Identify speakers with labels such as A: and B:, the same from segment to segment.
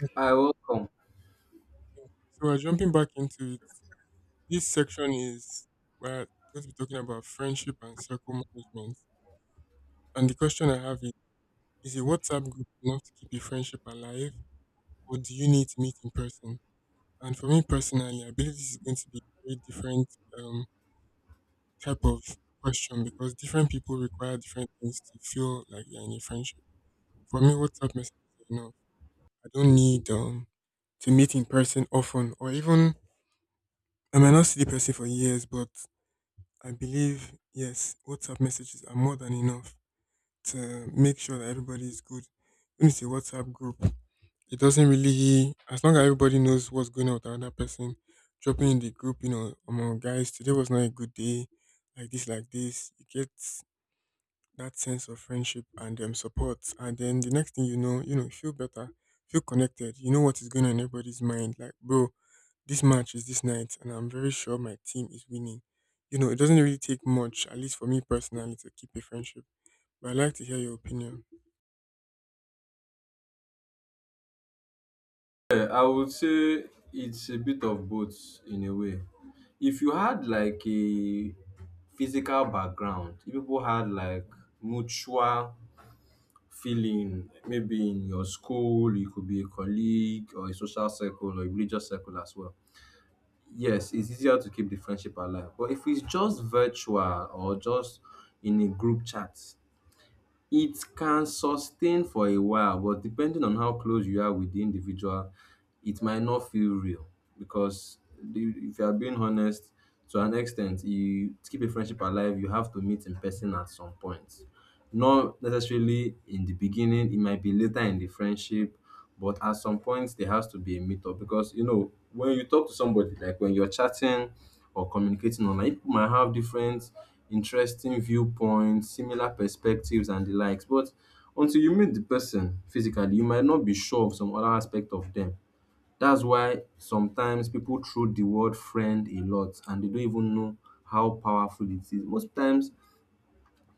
A: So
B: I welcome.
A: we're jumping back into it. This section is We're going to be talking about friendship and circle management. And the question I have is a WhatsApp group enough to keep a friendship alive, or do you need to meet in person? And for me personally, I believe this is going to be a very different um, type of question because different people require different things to feel like they're in a friendship. For me, WhatsApp messages are enough. I don't need to meet in person often, or even I might not see the person for years, but I believe yes, WhatsApp messages are more than enough to make sure that everybody is good. When it's a WhatsApp group, it doesn't really, as long as everybody knows what's going on with another person, dropping in the group, you know, among guys, today was not a good day, like this, like this. You get that sense of friendship and support. And then the next thing you know, you know, you feel better, feel connected. You know what is going on in everybody's mind. Like, bro, this match is this night, and I'm very sure my team is winning. You know, it doesn't really take much, at least for me personally, to keep a friendship. But I'd like to hear your opinion.
B: Yeah, I would say it's a bit of both in a way. If you had like a physical background, if people had like mutual feeling, maybe in your school, you could be a colleague or a social circle or a religious circle as well. Yes, it's easier to keep the friendship alive. But if it's just virtual or just in a group chat, it can sustain for a while, but depending on how close you are with the individual, it might not feel real because if you are being honest, to an extent, you to keep a friendship alive, you have to meet in person at some point, not necessarily in the beginning. It might be later in the friendship, but at some point there has to be a meetup, because you know, when you talk to somebody, like when you're chatting or communicating online, people might have different interesting viewpoints, similar perspectives, and the likes. But until you meet the person physically, you might not be sure of some other aspect of them. That's why sometimes people throw the word friend a lot and they don't even know how powerful it is. Most times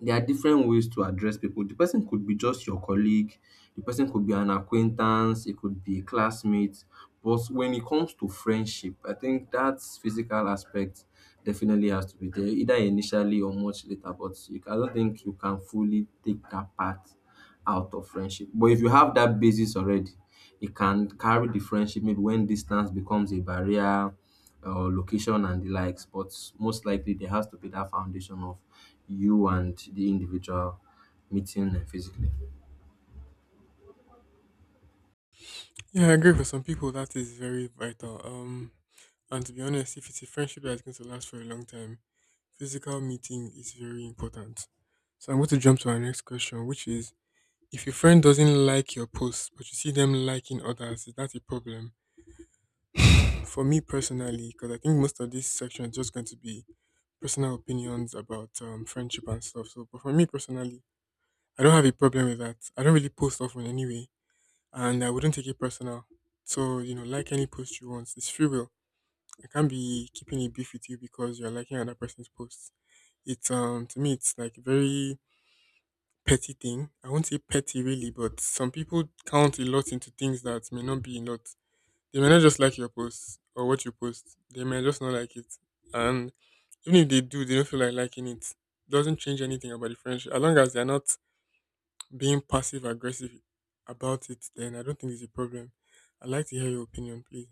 B: there are different ways to address people. The person could be just your colleague, the person could be an acquaintance, it could be a classmate. But when it comes to friendship, I think that physical aspect definitely has to be there, either initially or much later. But you, I don't think you can fully take that part out of friendship. But if you have that basis already, it can carry the friendship maybe when distance becomes a barrier or location and the likes. But most likely, there has to be that foundation of you and the individual meeting physically.
A: Yeah, I agree. For some people, that is very vital. And to be honest, if it's a friendship that's going to last for a long time, physical meeting is very important. So I'm going to jump to our next question, which is: If your friend doesn't like your post, but you see them liking others, is that a problem? For me personally, because I think most of this section is just going to be personal opinions about friendship and stuff. So, but for me personally, I don't have a problem with that. I don't really post often anyway, and I wouldn't take it personal. So, you know, like any post you want, it's free will. I can't be keeping a beef with you because you're liking another person's posts. It's to me, it's like very petty thing. I won't say petty really, but some people count a lot into things that may not be a lot. They may not just like your post or what you post. They may just not like it. And even if they do, they don't feel like liking it. Doesn't change anything about the friendship. As long as they're not being passive aggressive about it, then I don't think it's a problem. I'd like to hear your opinion, please.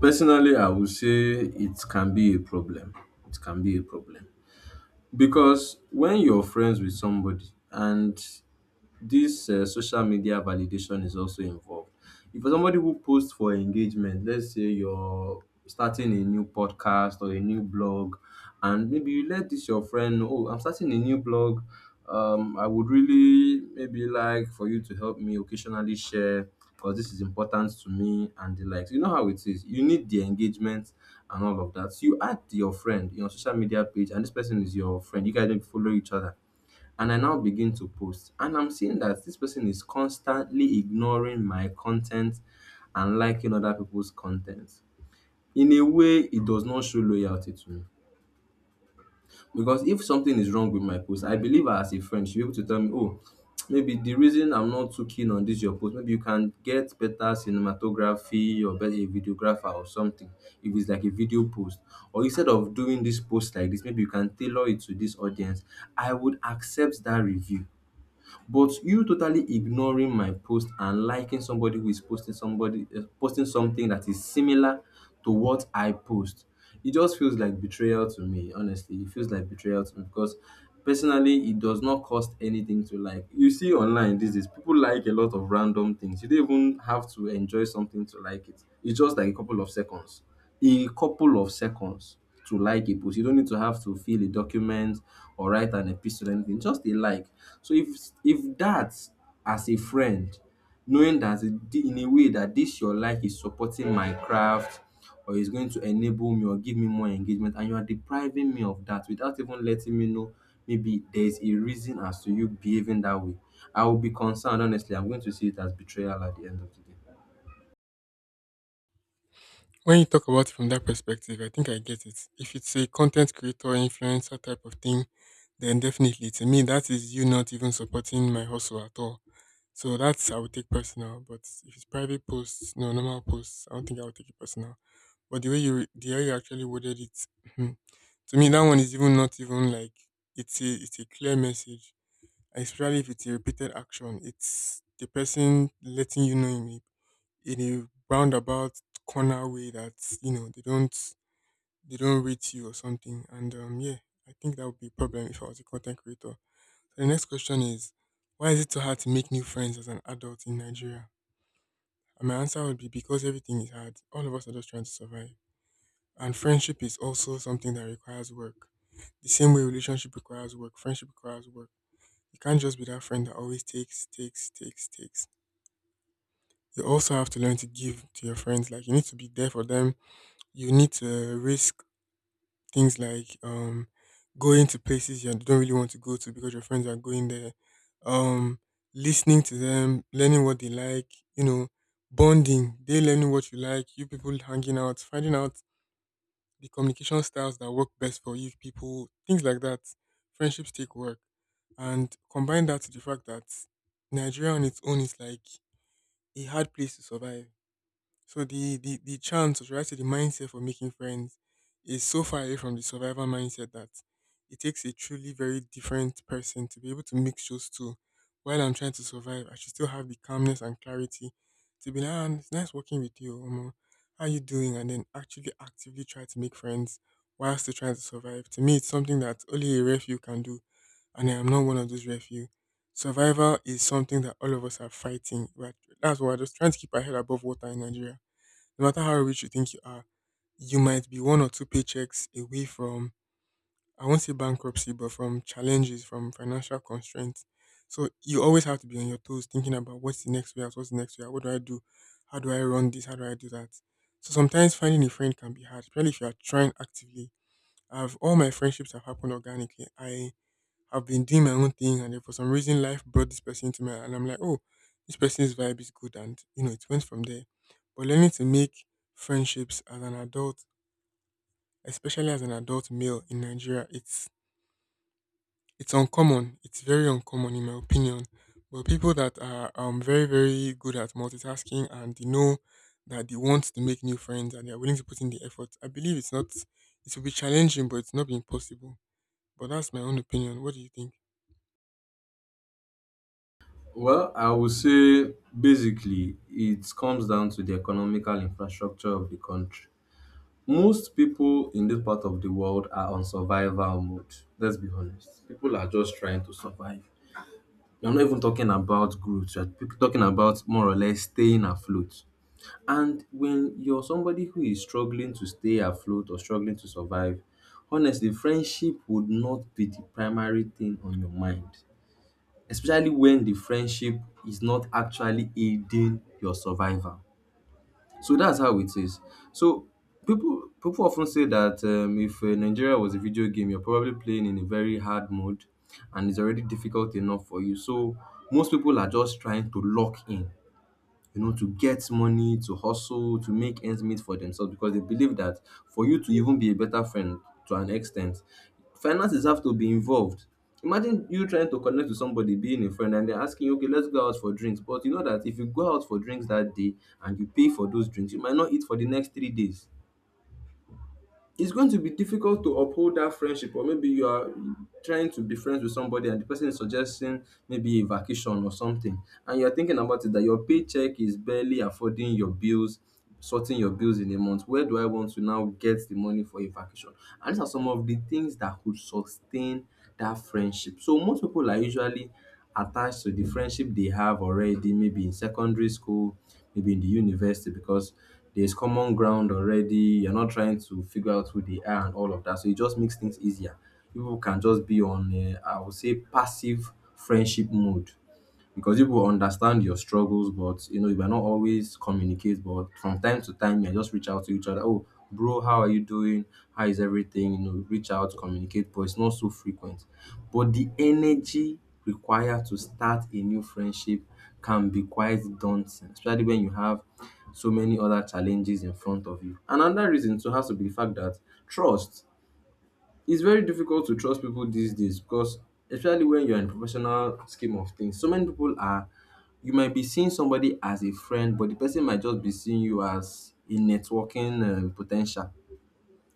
B: Personally, I would say it can be a problem. It can be a problem because when you're friends with somebody and this social media validation is also involved. If you're somebody who posts for engagement, let's say you're starting a new podcast or a new blog, and maybe you let this your friend know, oh, I'm starting a new blog. I would really maybe like for you to help me occasionally share, because this is important to me and the likes. You know how it is. You need the engagement and all of that. So you add your friend in your social media page, and this person is your friend. You guys don't follow each other and I now begin to post. And I'm seeing that this person is constantly ignoring my content and liking other people's content. In a way, it does not show loyalty to me. Because if something is wrong with my post, I believe her as a friend, she be able to tell me, oh, maybe the reason I'm not too keen on this your post, maybe you can get better cinematography or better a videographer or something. If it's like a video post, or instead of doing this post like this, maybe you can tailor it to this audience. I would accept that review, but you totally ignoring my post and liking somebody who is posting somebody posting something that is similar to what I post, it just feels like betrayal to me. Honestly, it feels like betrayal to me, because personally, it does not cost anything to like. You see online these days, people like a lot of random things. You don't even have to enjoy something to like it. It's just like a couple of seconds to like a post. You don't need to have to fill a document or write an epistle or anything, just a like. So if that, as a friend, knowing that in a way that this your like is supporting my craft or is going to enable me or give me more engagement, and you are depriving me of that without even letting me know maybe there's a reason as to you behaving that way, I will be concerned, honestly. I'm going to see it as betrayal at the end of the day.
A: When you talk about it from that perspective, I think I get it. If it's a content creator, influencer type of thing, then definitely to me that is you not even supporting my hustle at all. So that's, I would take personal. But if it's private posts, no normal posts, I don't think I would take it personal. But the way you the way you actually worded it, mhm, to me that one is even not even like, it's a, it's a clear message. And especially if it's a repeated action, it's the person letting you know in in a roundabout corner way that you know they don't rate you or something. And yeah, I think that would be a problem if I was a content creator. So the next question is, why is it so hard to make new friends as an adult in Nigeria? And my answer would be because everything is hard. All of us are just trying to survive. And friendship is also something that requires work. The same way relationship requires work, friendship requires work. You can't just be that friend that always takes, takes, takes, takes. You also have to learn to give to your friends. Like, you need to be there for them. You need to risk things like going to places you don't really want to go to because your friends are going there. Um Listening to them, learning what they like, you know, bonding, they learning what you like, you people hanging out, finding out the communication styles that work best for you people, things like that. Friendships take work. And combine that to the fact that Nigeria on its own is like a hard place to survive, so the chance, or should I say the mindset for making friends, is so far away from the survival mindset that it takes a truly very different person to be able to mix those two. While I'm trying to survive, I should still have the calmness and clarity to be like, "Ah, it's nice working with you, Omo. How you doing?" And then actually actively try to make friends while still trying to survive. To me, it's something that only a refuge can do, and I am not one of those refuge. Survival is something that all of us are fighting. But that's why we're just trying to keep our head above water in Nigeria. No matter how rich you think you are, you might be one or two paychecks away from, I won't say bankruptcy, but from challenges, from financial constraints. So you always have to be on your toes thinking about what's the next way out, what's the next way out, what do I do? How do I run this? How do I do that? So sometimes finding a friend can be hard, especially if you are trying actively. I've All my friendships have happened organically. I've been doing my own thing, and then for some reason, life brought this person to me, and I'm like, oh, this person's vibe is good, and you know, it went from there. But learning to make friendships as an adult, especially as an adult male in Nigeria, it's uncommon. It's very uncommon, in my opinion. But people that are very very good at multitasking and they know that they want to make new friends and they are willing to put in the effort, I believe it's not. It will be challenging, but it's not impossible. But that's my own opinion. What do you think?
B: Well, I would say basically it comes down to the economical infrastructure of the country. Most people in this part of the world are on survival mode. Let's be honest. People are just trying to survive. You're not even talking about growth, you're talking about more or less staying afloat. And when you're somebody who is struggling to stay afloat or struggling to survive, honestly, friendship would not be the primary thing on your mind, especially when the friendship is not actually aiding your survival. So that's how it is. So people often say that, if Nigeria was a video game, you're probably playing in a very hard mode, and it's already difficult enough for you. So most people are just trying to lock in, you know, to get money, to hustle, to make ends meet for themselves, because they believe that for you to even be a better friend, to an extent, finances have to be involved. Imagine you trying to connect with somebody, being a friend, and they're asking you, okay, let's go out for drinks. But you know that if you go out for drinks that day and you pay for those drinks, you might not eat for the next 3 days. It's going to be difficult to uphold that friendship. Or maybe you are trying to be friends with somebody and the person is suggesting maybe a vacation or something, and you're thinking about it that your paycheck is barely affording your bills, sorting your bills in a month, where do I want to now get the money for a vacation? And these are some of the things that could sustain that friendship. So most people are usually attached to the friendship they have already, maybe in secondary school, maybe in the university, because there's common ground already. You're not trying to figure out who they are and all of that. So it just makes things easier. People can just be on, a, I would say, passive friendship mode, because people will understand your struggles. But you know, you might not always communicate, but from time to time, you can just reach out to each other. Oh, bro, how are you doing? How is everything? You know, reach out, communicate, but it's not so frequent. But the energy required to start a new friendship can be quite daunting, especially when you have so many other challenges in front of you. Another reason too has to be the fact that trust, it's very difficult to trust people these days, because especially when you're in professional scheme of things, so many people are, you might be seeing somebody as a friend, but the person might just be seeing you as a networking potential,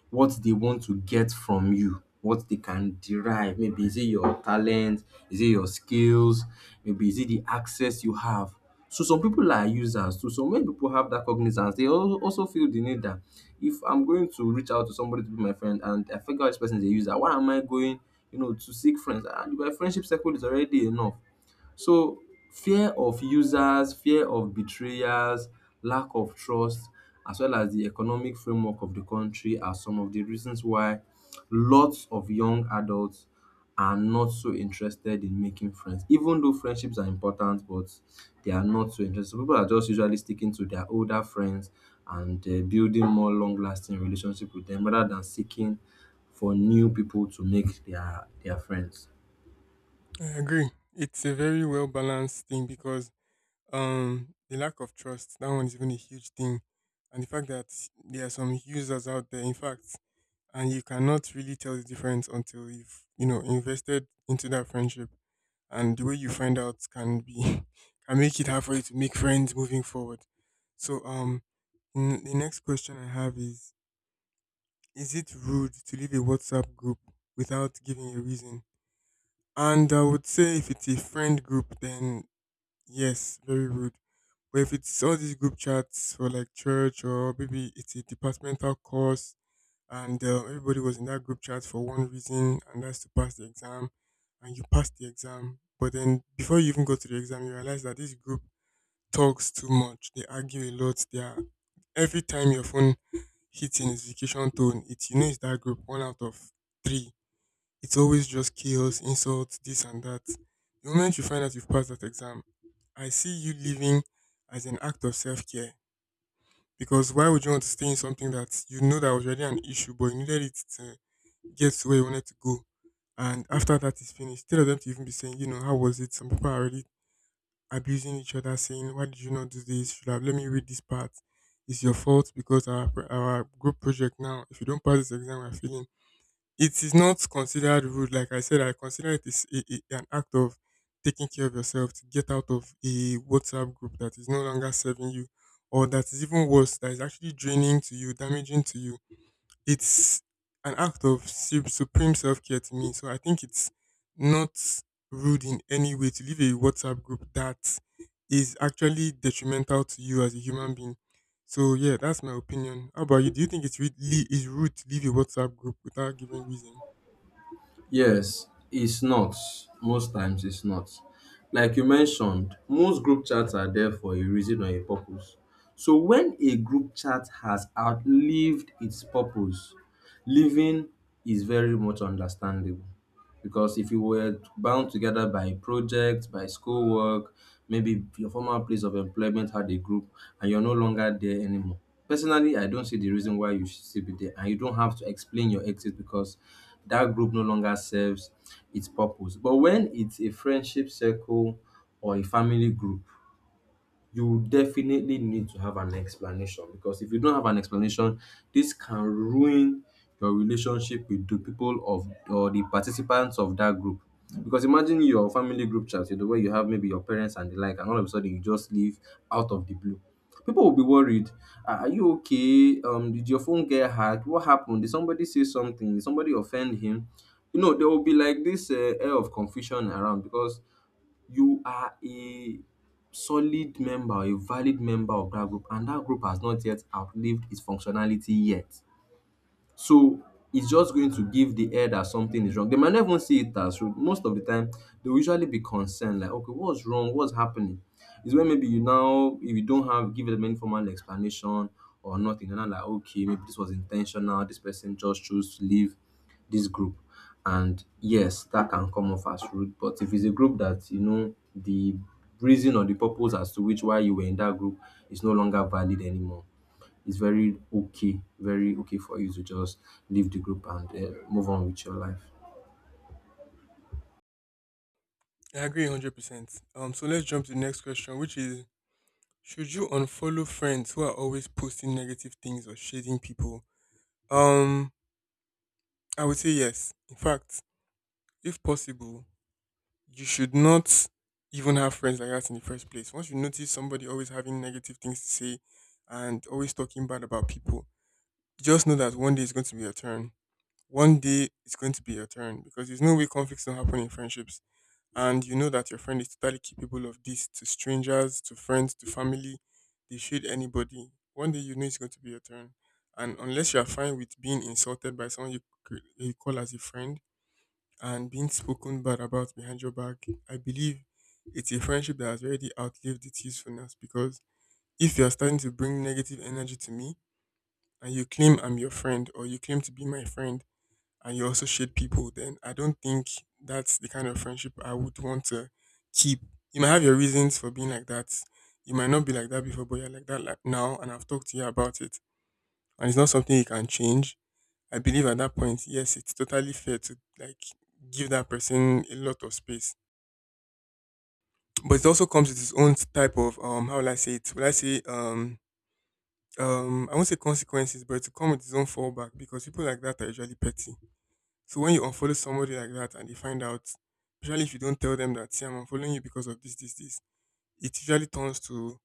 B: what they want to get from you, what they can derive. Maybe is it your talent, is it your skills, maybe is it the access you have. So some people are users too. So when people have that cognizance, they also feel the need that if I'm going to reach out to somebody to be my friend and I figure out this person is a user, why am I going, you know, to seek friends? And my friendship circle is already enough. So fear of users, fear of betrayers, lack of trust, as well as the economic framework of the country, are some of the reasons why lots of young adults are not so interested in making friends. Even though friendships are important, but they are not so interested. So people are just usually sticking to their older friends and building more long-lasting relationship with them rather than seeking for new people to make their friends.
A: I agree. It's a very well balanced thing because the lack of trust, that one is even a huge thing, and the fact that there are some users out there, in fact, and you cannot really tell the difference until you've, you know, invested into that friendship, and the way you find out can be can make it hard for you to make friends moving forward. So the next question I have is it rude to leave a WhatsApp group without giving a reason? And I would say if it's a friend group, then yes, very rude. But if it's all these group chats for like church, or maybe it's a departmental course and everybody was in that group chat for one reason, and that's to pass the exam, and you pass the exam. But then before you even go to the exam, you realize that this group talks too much. They argue a lot. They are, every time your phone hits a notification tone, it, you know, it's that group one out of three. It's always just chaos, insults, this and that. The moment you find out you've passed that exam, I see you leaving as an act of self care. Because why would you want to stay in something that you know that was already an issue, but you needed it to get to where you wanted to go? And after that is finished, instead of them to even be saying, you know, how was it? Some people are already abusing each other, saying, why did you not do this? Should have let me read this part. It's your fault, because our group project, now, if you don't pass this exam, we're failing. It is not considered rude. Like I said, I consider it is an act of taking care of yourself to get out of a WhatsApp group that is no longer serving you, or that is even worse, that is actually draining to you, damaging to you. It's an act of supreme self care to me. So I think it's not rude in any way to leave a WhatsApp group that is actually detrimental to you as a human being. So yeah, that's my opinion. How about you? Do you think it's really is rude to leave a WhatsApp group without giving reason?
B: Yes, it's not. Most times it's not. Like you mentioned, most group chats are there for a reason or a purpose. So when a group chat has outlived its purpose, leaving is very much understandable. Because if you were bound together by projects, by schoolwork, maybe your former place of employment had a group and you're no longer there anymore. Personally, I don't see the reason why you should still be there. And you don't have to explain your exit because that group no longer serves its purpose. But when it's a friendship circle or a family group, you definitely need to have an explanation, because if you don't have an explanation, this can ruin your relationship with the people of or the participants of that group. Because imagine your family group chat, you know, where you have maybe your parents and the like, and all of a sudden you just leave out of the blue. People will be worried. Are you okay? Did your phone get hacked? What happened? Did somebody say something? Did somebody offend him? You know, there will be like this air of confusion around because you are a solid member, a valid member of that group, and that group has not yet outlived its functionality yet. So it's just going to give the air that something is wrong. They might not even see it as rude. Most of the time, they'll usually be concerned, like, okay, what's wrong? What's happening? It's when maybe you now, if you don't have give them any formal explanation or nothing, and I'm like, okay, maybe this was intentional. This person just chose to leave this group. And yes, that can come off as rude. But if it's a group that, you know, the reason or the purpose as to which why you were in that group is no longer valid anymore, it's very okay, very okay for you to just leave the group and move on with your life.
A: I agree 100%. So let's jump to the next question, which is: Should you unfollow friends who are always posting negative things or shading people? Um, I would say yes. In fact, if possible, you should not even have friends like that in the first place. Once you notice somebody always having negative things to say and always talking bad about people, just know that one day it's going to be your turn. One day it's going to be your turn because there's no way conflicts don't happen in friendships. And you know that your friend is totally capable of this to strangers, to friends, to family, they shoot anybody. One day you know it's going to be your turn. And unless you are fine with being insulted by someone you, you call as a friend and being spoken bad about behind your back, I believe it's a friendship that has already outlived its usefulness because if you are starting to bring negative energy to me and you claim I'm your friend or you claim to be my friend, and you also shade people, then I don't think that's the kind of friendship I would want to keep. You might have your reasons for being like that. You might not be like that before, but you're like that like now, and I've talked to you about it. And it's not something you can change. I believe at that point, yes, it's totally fair to like give that person a lot of space. But it also comes with its own type of how will I say it? Will I say I won't say consequences, but it will come with its own fallback because people like that are usually petty. So when you unfollow somebody like that and they find out, usually if you don't tell them that, see, I'm unfollowing you because of this, this, this, it usually turns to,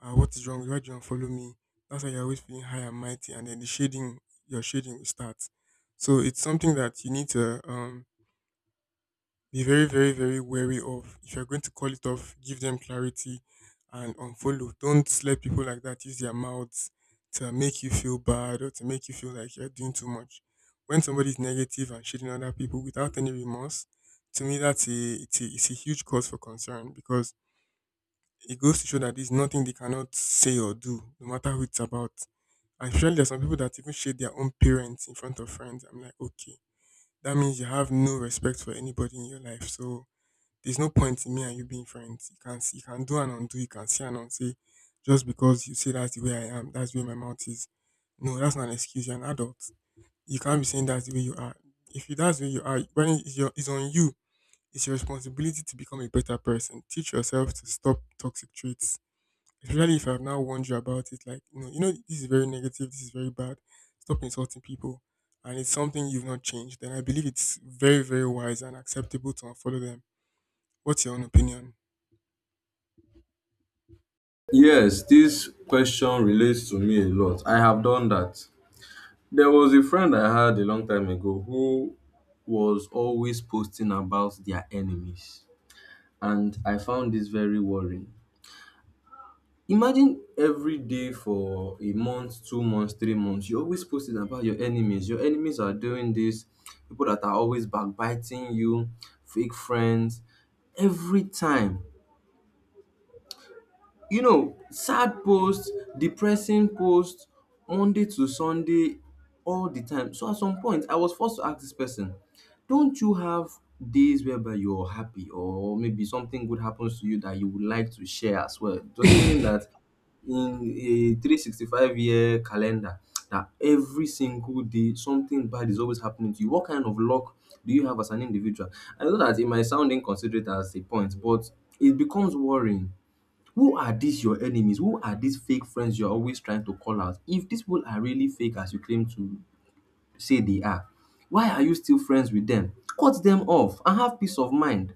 A: what is wrong? Why do you unfollow me? That's why you're always feeling high and mighty, and then the shading, your shading will start. So it's something that you need to be very, very, very wary of. If you're going to call it off, give them clarity and unfollow. Don't let people like that use their mouths to make you feel bad or to make you feel like you're doing too much. When somebody is negative and shitting other people without any remorse, to me that's a it's it's a huge cause for concern because it goes to show that there's nothing they cannot say or do, no matter who it's about. And surely there's some people that even shade their own parents in front of friends. I'm like, okay, that means you have no respect for anybody in your life. So there's no point in me and you being friends. You can see, you can do and undo. You can say and unsay. Just because you say that's the way I am, that's where my mouth is. No, that's not an excuse. You're an adult. You can't be saying that's the way you are. If you that's the way you are, when it's, your, it's on you, it's your responsibility to become a better person. Teach yourself to stop toxic traits, especially if I've now warned you about it. Like, you know, this is very negative. This is very bad. Stop insulting people, and it's something you've not changed. Then I believe it's very, very wise and acceptable to unfollow them. What's your own opinion?
B: Yes, this question relates to me a lot. I have done that. There was a friend I had a long time ago who was always posting about their enemies, and I found this very worrying. Imagine every day for a month, 2 months, 3 months, you're always posting about your enemies. Your enemies are doing this, people that are always backbiting you, fake friends. Every time sad posts, depressing posts, Monday to Sunday, all the time. So at some point I was forced to ask this person, don't you have days whereby you're happy or maybe something good happens to you that you would like to share as well? Does it mean that in a 365-year calendar, that every single day something bad is always happening to you? What kind of luck do you have as an individual? I know that it might sound inconsiderate as a point, but it becomes worrying. Who are these your enemies? Who are these fake friends you're always trying to call out? If these people are really fake as you claim to say they are, why are you still friends with them? Cut them off and have peace of mind.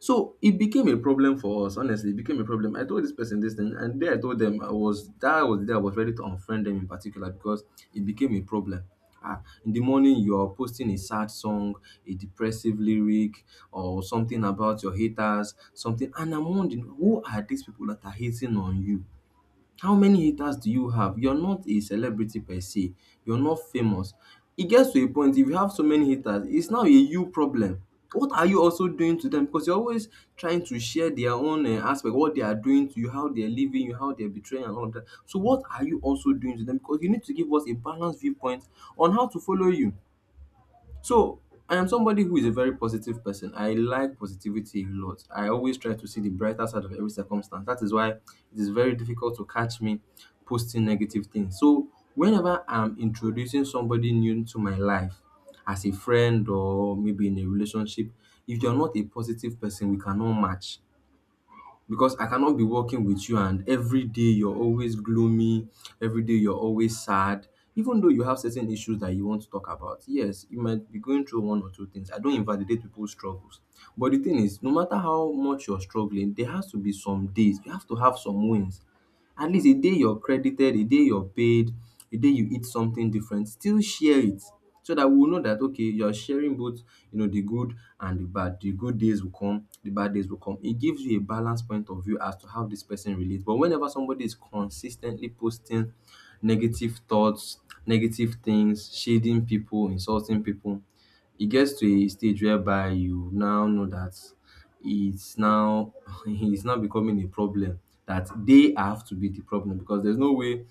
B: So it became a problem for us. Honestly, it became a problem. I told this person this thing, and there I told them I was that was the day I was ready to unfriend them in particular because it became a problem. Ah, in the morning you are posting a sad song, a depressive lyric, or something about your haters, something, and I'm wondering, who are these people that are hating on you? How many haters do you have? You're not a celebrity per se. You're not famous. It gets to a point, if you have so many haters, it's now a you problem. What are you also doing to them? Because you're always trying to share their own aspect, what they are doing to you, how they're leaving you, how they're betraying, and all of that. So, what are you also doing to them? Because you need to give us a balanced viewpoint on how to follow you. So I am somebody who is a very positive person. I like positivity a lot. I always try to see the brighter side of every circumstance. That is why it is very difficult to catch me posting negative things. So whenever I'm introducing somebody new to my life, as a friend or maybe in a relationship, if you're not a positive person, we cannot match, because I cannot be working with you and every day you're always gloomy, every day you're always sad. Even though you have certain issues that you want to talk about, yes, you might be going through one or two things. I don't invalidate people's struggles. But the thing is, no matter how much you're struggling, there has to be some days, you have to have some wins. At least a day you're credited, a day you're paid, a day you eat something different, still share it, so that we will know that, okay, you're sharing both, the good and the bad. The good days will come, the bad days will come. It gives you a balanced point of view as to how this person relates. But whenever somebody is consistently posting negative thoughts, negative things, shading people, insulting people, it gets to a stage whereby you now know that it's now it's now becoming a problem, that they have to be the problem, because there's no way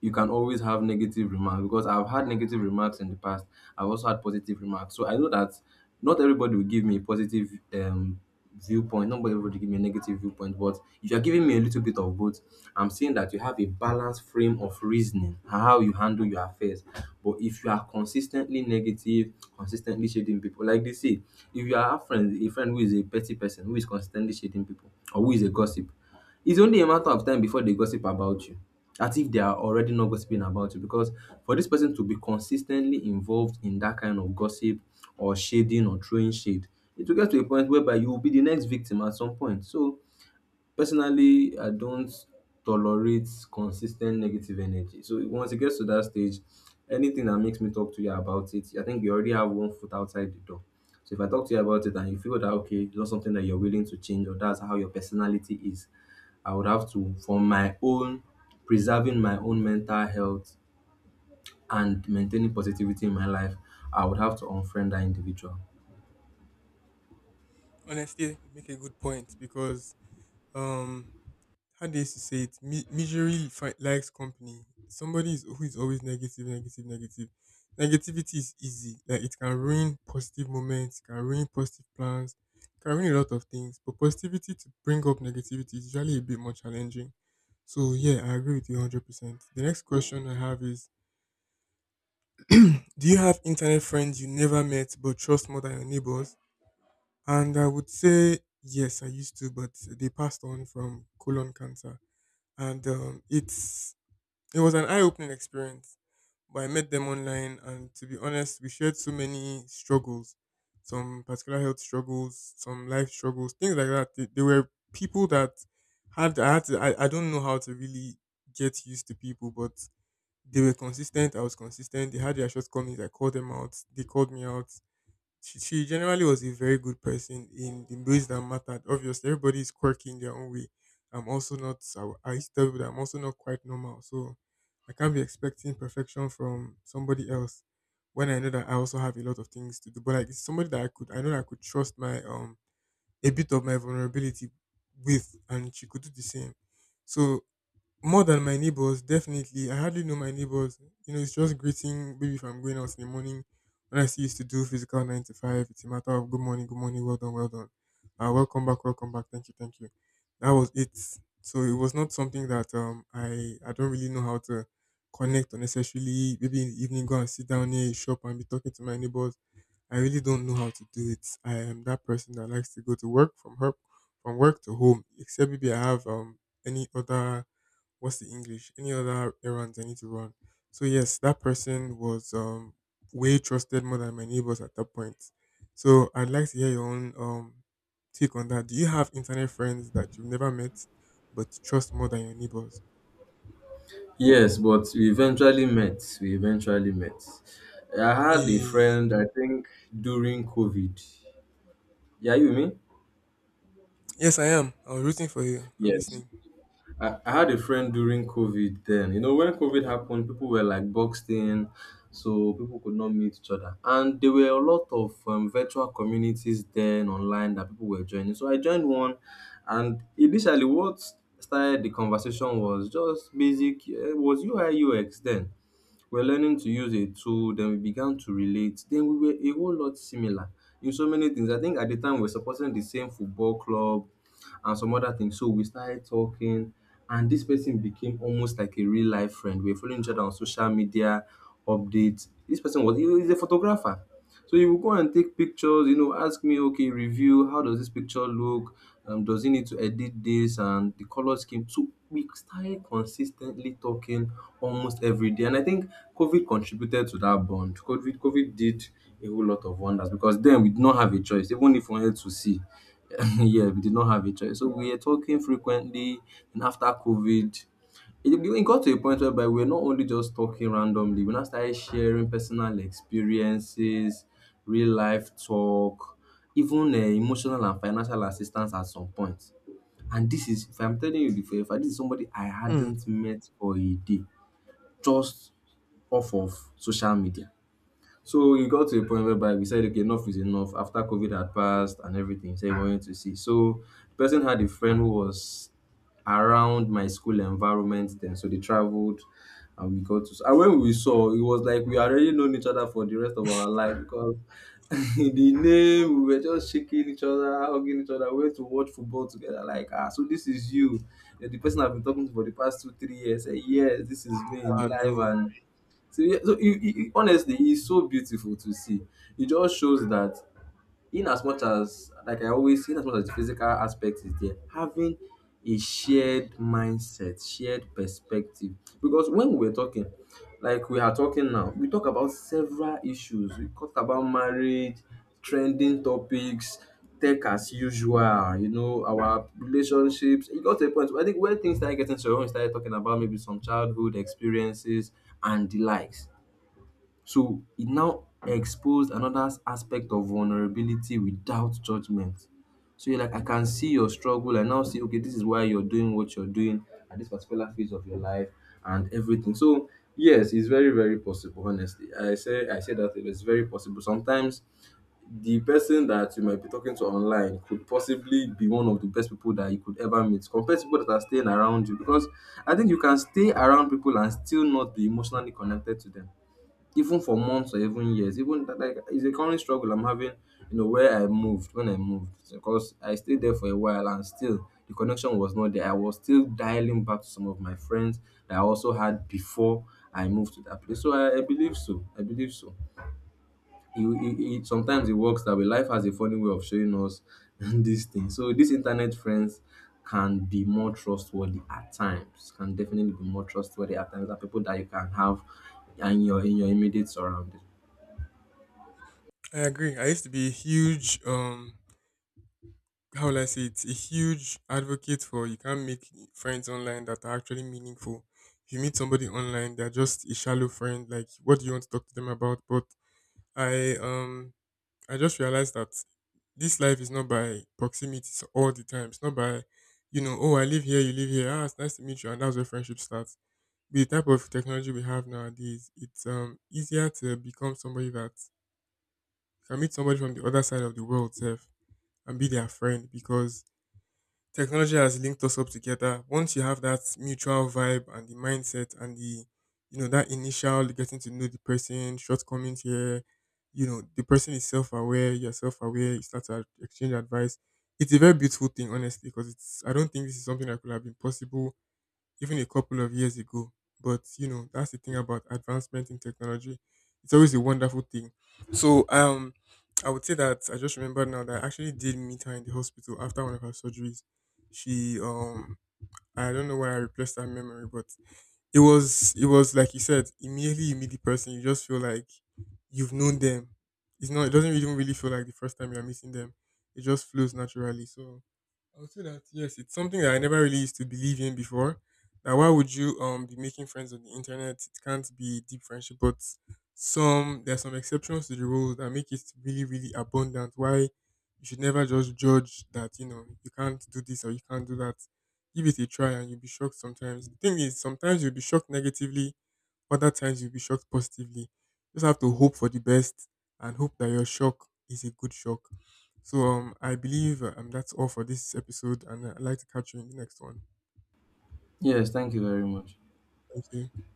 B: you can always have negative remarks. Because I've had negative remarks in the past. I've also had positive remarks. So I know that not everybody will give me positive viewpoint. Nobody would give me a negative viewpoint, but if you're giving me a little bit of both, I'm saying that you have a balanced frame of reasoning and how you handle your affairs. But if you are consistently negative, consistently shading people, like they say, if you are a friend who is a petty person, who is consistently shading people, or who is a gossip, it's only a matter of time before they gossip about you, as if they are already not gossiping about you. Because for this person to be consistently involved in that kind of gossip or shading or throwing shade, it will get to a point whereby you will be the next victim at some point. So personally, I don't tolerate consistent negative energy. So once it gets to that stage, anything that makes me talk to you about it, I think you already have one foot outside the door. So if I talk to you about it and you feel that, okay, it's not something that you're willing to change or that's how your personality is, I would have to, for my own preserving my own mental health and maintaining positivity in my life, I would have to unfriend that individual.
A: Honestly, you make a good point because um, how they used to say it, misery likes company. Who is always negative, negative, negative. Negativity is easy. Like it can ruin positive moments, it can ruin positive plans, it can ruin a lot of things. But positivity to bring up negativity is usually a bit more challenging. So yeah, I agree with you 100%. The next question I have is, do you have internet friends you never met but trust more than your neighbors? And I would say, yes, I used to, but they passed on from colon cancer. And it's it was an eye-opening experience. But I met them online, and to be honest, we shared so many struggles, some particular health struggles, some life struggles, things like that. They were people that had I don't know how to really get used to people, but they were consistent. I was consistent. They had their shortcomings. I called them out. They called me out she generally was a very good person in the ways that mattered. Obviously, everybody is quirky in their own way. I'm also not, I used to tell people that I'm also not quite normal. So I can't be expecting perfection from somebody else when I know that I also have a lot of things to do. But like, it's somebody that I know that I could trust my, a bit of my vulnerability with, and she could do the same. So more than my neighbors, definitely. I hardly know my neighbors. You know, it's just greeting. Maybe if I'm going out in the morning, when I still used to do physical nine to five, it's a matter of good morning, well done, well done. Welcome back, welcome back. Thank you, thank you. That was it. So it was not something that I don't really know how to connect or necessarily. Maybe in the evening, go and sit down near a shop and be talking to my neighbors. I really don't know how to do it. I am that person that likes to go to work from from work to home. Except maybe I have any other what's the English? Any other errands I need to run? So yes, that person was way trusted more than my neighbors at that point. So I'd like to hear your own take on that. Do you have internet friends that you've never met but you trust more than your neighbors?
B: Yes, but we eventually met. We eventually met. I had a
A: Eh,
B: friend, I think, during COVID. Yeah, you with me?
A: yes, I am. I was rooting for you. I'm
B: Yes.
A: listening.
B: I had a friend during COVID then. You know, when COVID happened, people were like boxed in, so people could not meet each other. And there were a lot of virtual communities then online that people were joining. So I joined one, and initially, what started the conversation was just basic, it was UI UX then. We're learning to use a tool, then we began to relate, then we were a whole lot similar in so many things. I think at the time, we're supporting the same football club and some other things. So we started talking, and this person became almost like a real life friend. We were following each other on social media updates. This person was he is a photographer. So he would go and take pictures, you know, ask me, okay, review, how does this picture look? Does he need to edit this and the color scheme? So we started consistently talking almost every day. And I think COVID contributed to that bond. COVID did a whole lot of wonders because then we did not have a choice, even if we wanted to see. yeah, we did not have a choice. So we were talking frequently, and after COVID, it got to a point whereby we are not only just talking randomly, we now started sharing personal experiences, real life talk, even emotional and financial assistance at some point. And this is, if I'm telling you before, if I, this is somebody I
A: Hmm.
B: hadn't met for a day, just off of social media. So you got to a point whereby we said, okay, enough is enough. After COVID had passed and everything, so we wanted to see. So the person had a friend who was around my school environment then. So they traveled and we got to. And when we saw, it was like we already known each other for the rest of our life. Because the name, we were just shaking each other, hugging each other. We went to watch football together. Like, ah, so this is you. You're the person I've been talking to for the past 2, 3 years. Say, yes, this is me in
A: Ah, no.
B: live and so, yeah, so honestly, he's so beautiful to see. It just shows that, in as much as, like I always say, in as much as the physical aspect is there, having a shared mindset, shared perspective. Because when we were talking, like we are talking now, we talk about several issues. We talk about marriage, trending topics, tech as usual, you know, our relationships. It got to a point where I think when things started getting to your own, we started talking about maybe some childhood experiences and the likes. So it now exposed another aspect of vulnerability without judgment. So you're like, I can see your struggle. I now see, okay, this is why you're doing what you're doing at this particular phase of your life and everything. So yes, it's very, very possible, honestly. I say that it's very possible. Sometimes the person that you might be talking to online could possibly be one of the best people that you could ever meet compared to people that are staying around you, because I think you can stay around people and still not be emotionally connected to them even for months or even years. Even that, like it's a current struggle I'm having, you know, where I moved when I moved, because I stayed there for a while and still the connection was not there. I was still dialing back to some of my friends that I also had before I moved to that place. So I believe so. I believe so. Sometimes it works that way. Life has a funny way of showing us these things. So these internet friends can be more trustworthy at times. Can definitely be more trustworthy at times than people that you can have and your in your immediate surroundings.
A: I agree. I used to be a huge how will I say it, a huge advocate for you can't make friends online that are actually meaningful. If you meet somebody online, they're just a shallow friend. Like, what do you want to talk to them about? But I um I just realized that this life is not by all the time. It's not by, you know, oh I live here, you live here. Ah, it's nice to meet you, and that's where friendship starts. With the type of technology we have nowadays, it's easier to become somebody that you can meet somebody from the other side of the world, self, and be their friend because technology has linked us up together. Once you have that mutual vibe and the mindset and the, you know, that initial getting to know the person, shortcomings here, you know, the person is self aware, you're self aware, you start to exchange advice. It's a very beautiful thing, honestly, because it's, I don't think this is something that could have been possible even a couple of years ago. But you know, that's the thing about advancement in technology. It's always a wonderful thing. So I would say that I just remembered now that I actually did meet her in the hospital after one of her surgeries. She I don't know why I replaced that memory, but it was like you said, immediately you meet the person, you just feel like you've known them. It doesn't even really feel like the first time you're meeting them. It just flows naturally. So I would say that yes, it's something that I never really used to believe in before. Now why would you be making friends on the internet? It can't be deep friendship, but some there are some exceptions to the rules that make it really, really abundant. Why you should never just judge that, you know, you can't do this or you can't do that. Give it a try and you'll be shocked sometimes. The thing is, sometimes you'll be shocked negatively, other times you'll be shocked positively. Just have to hope for the best and hope that your shock is a good shock. So I believe that's all for this episode, and I'd like to catch you in the next one.
B: Yes, thank you very much.
A: Thank you.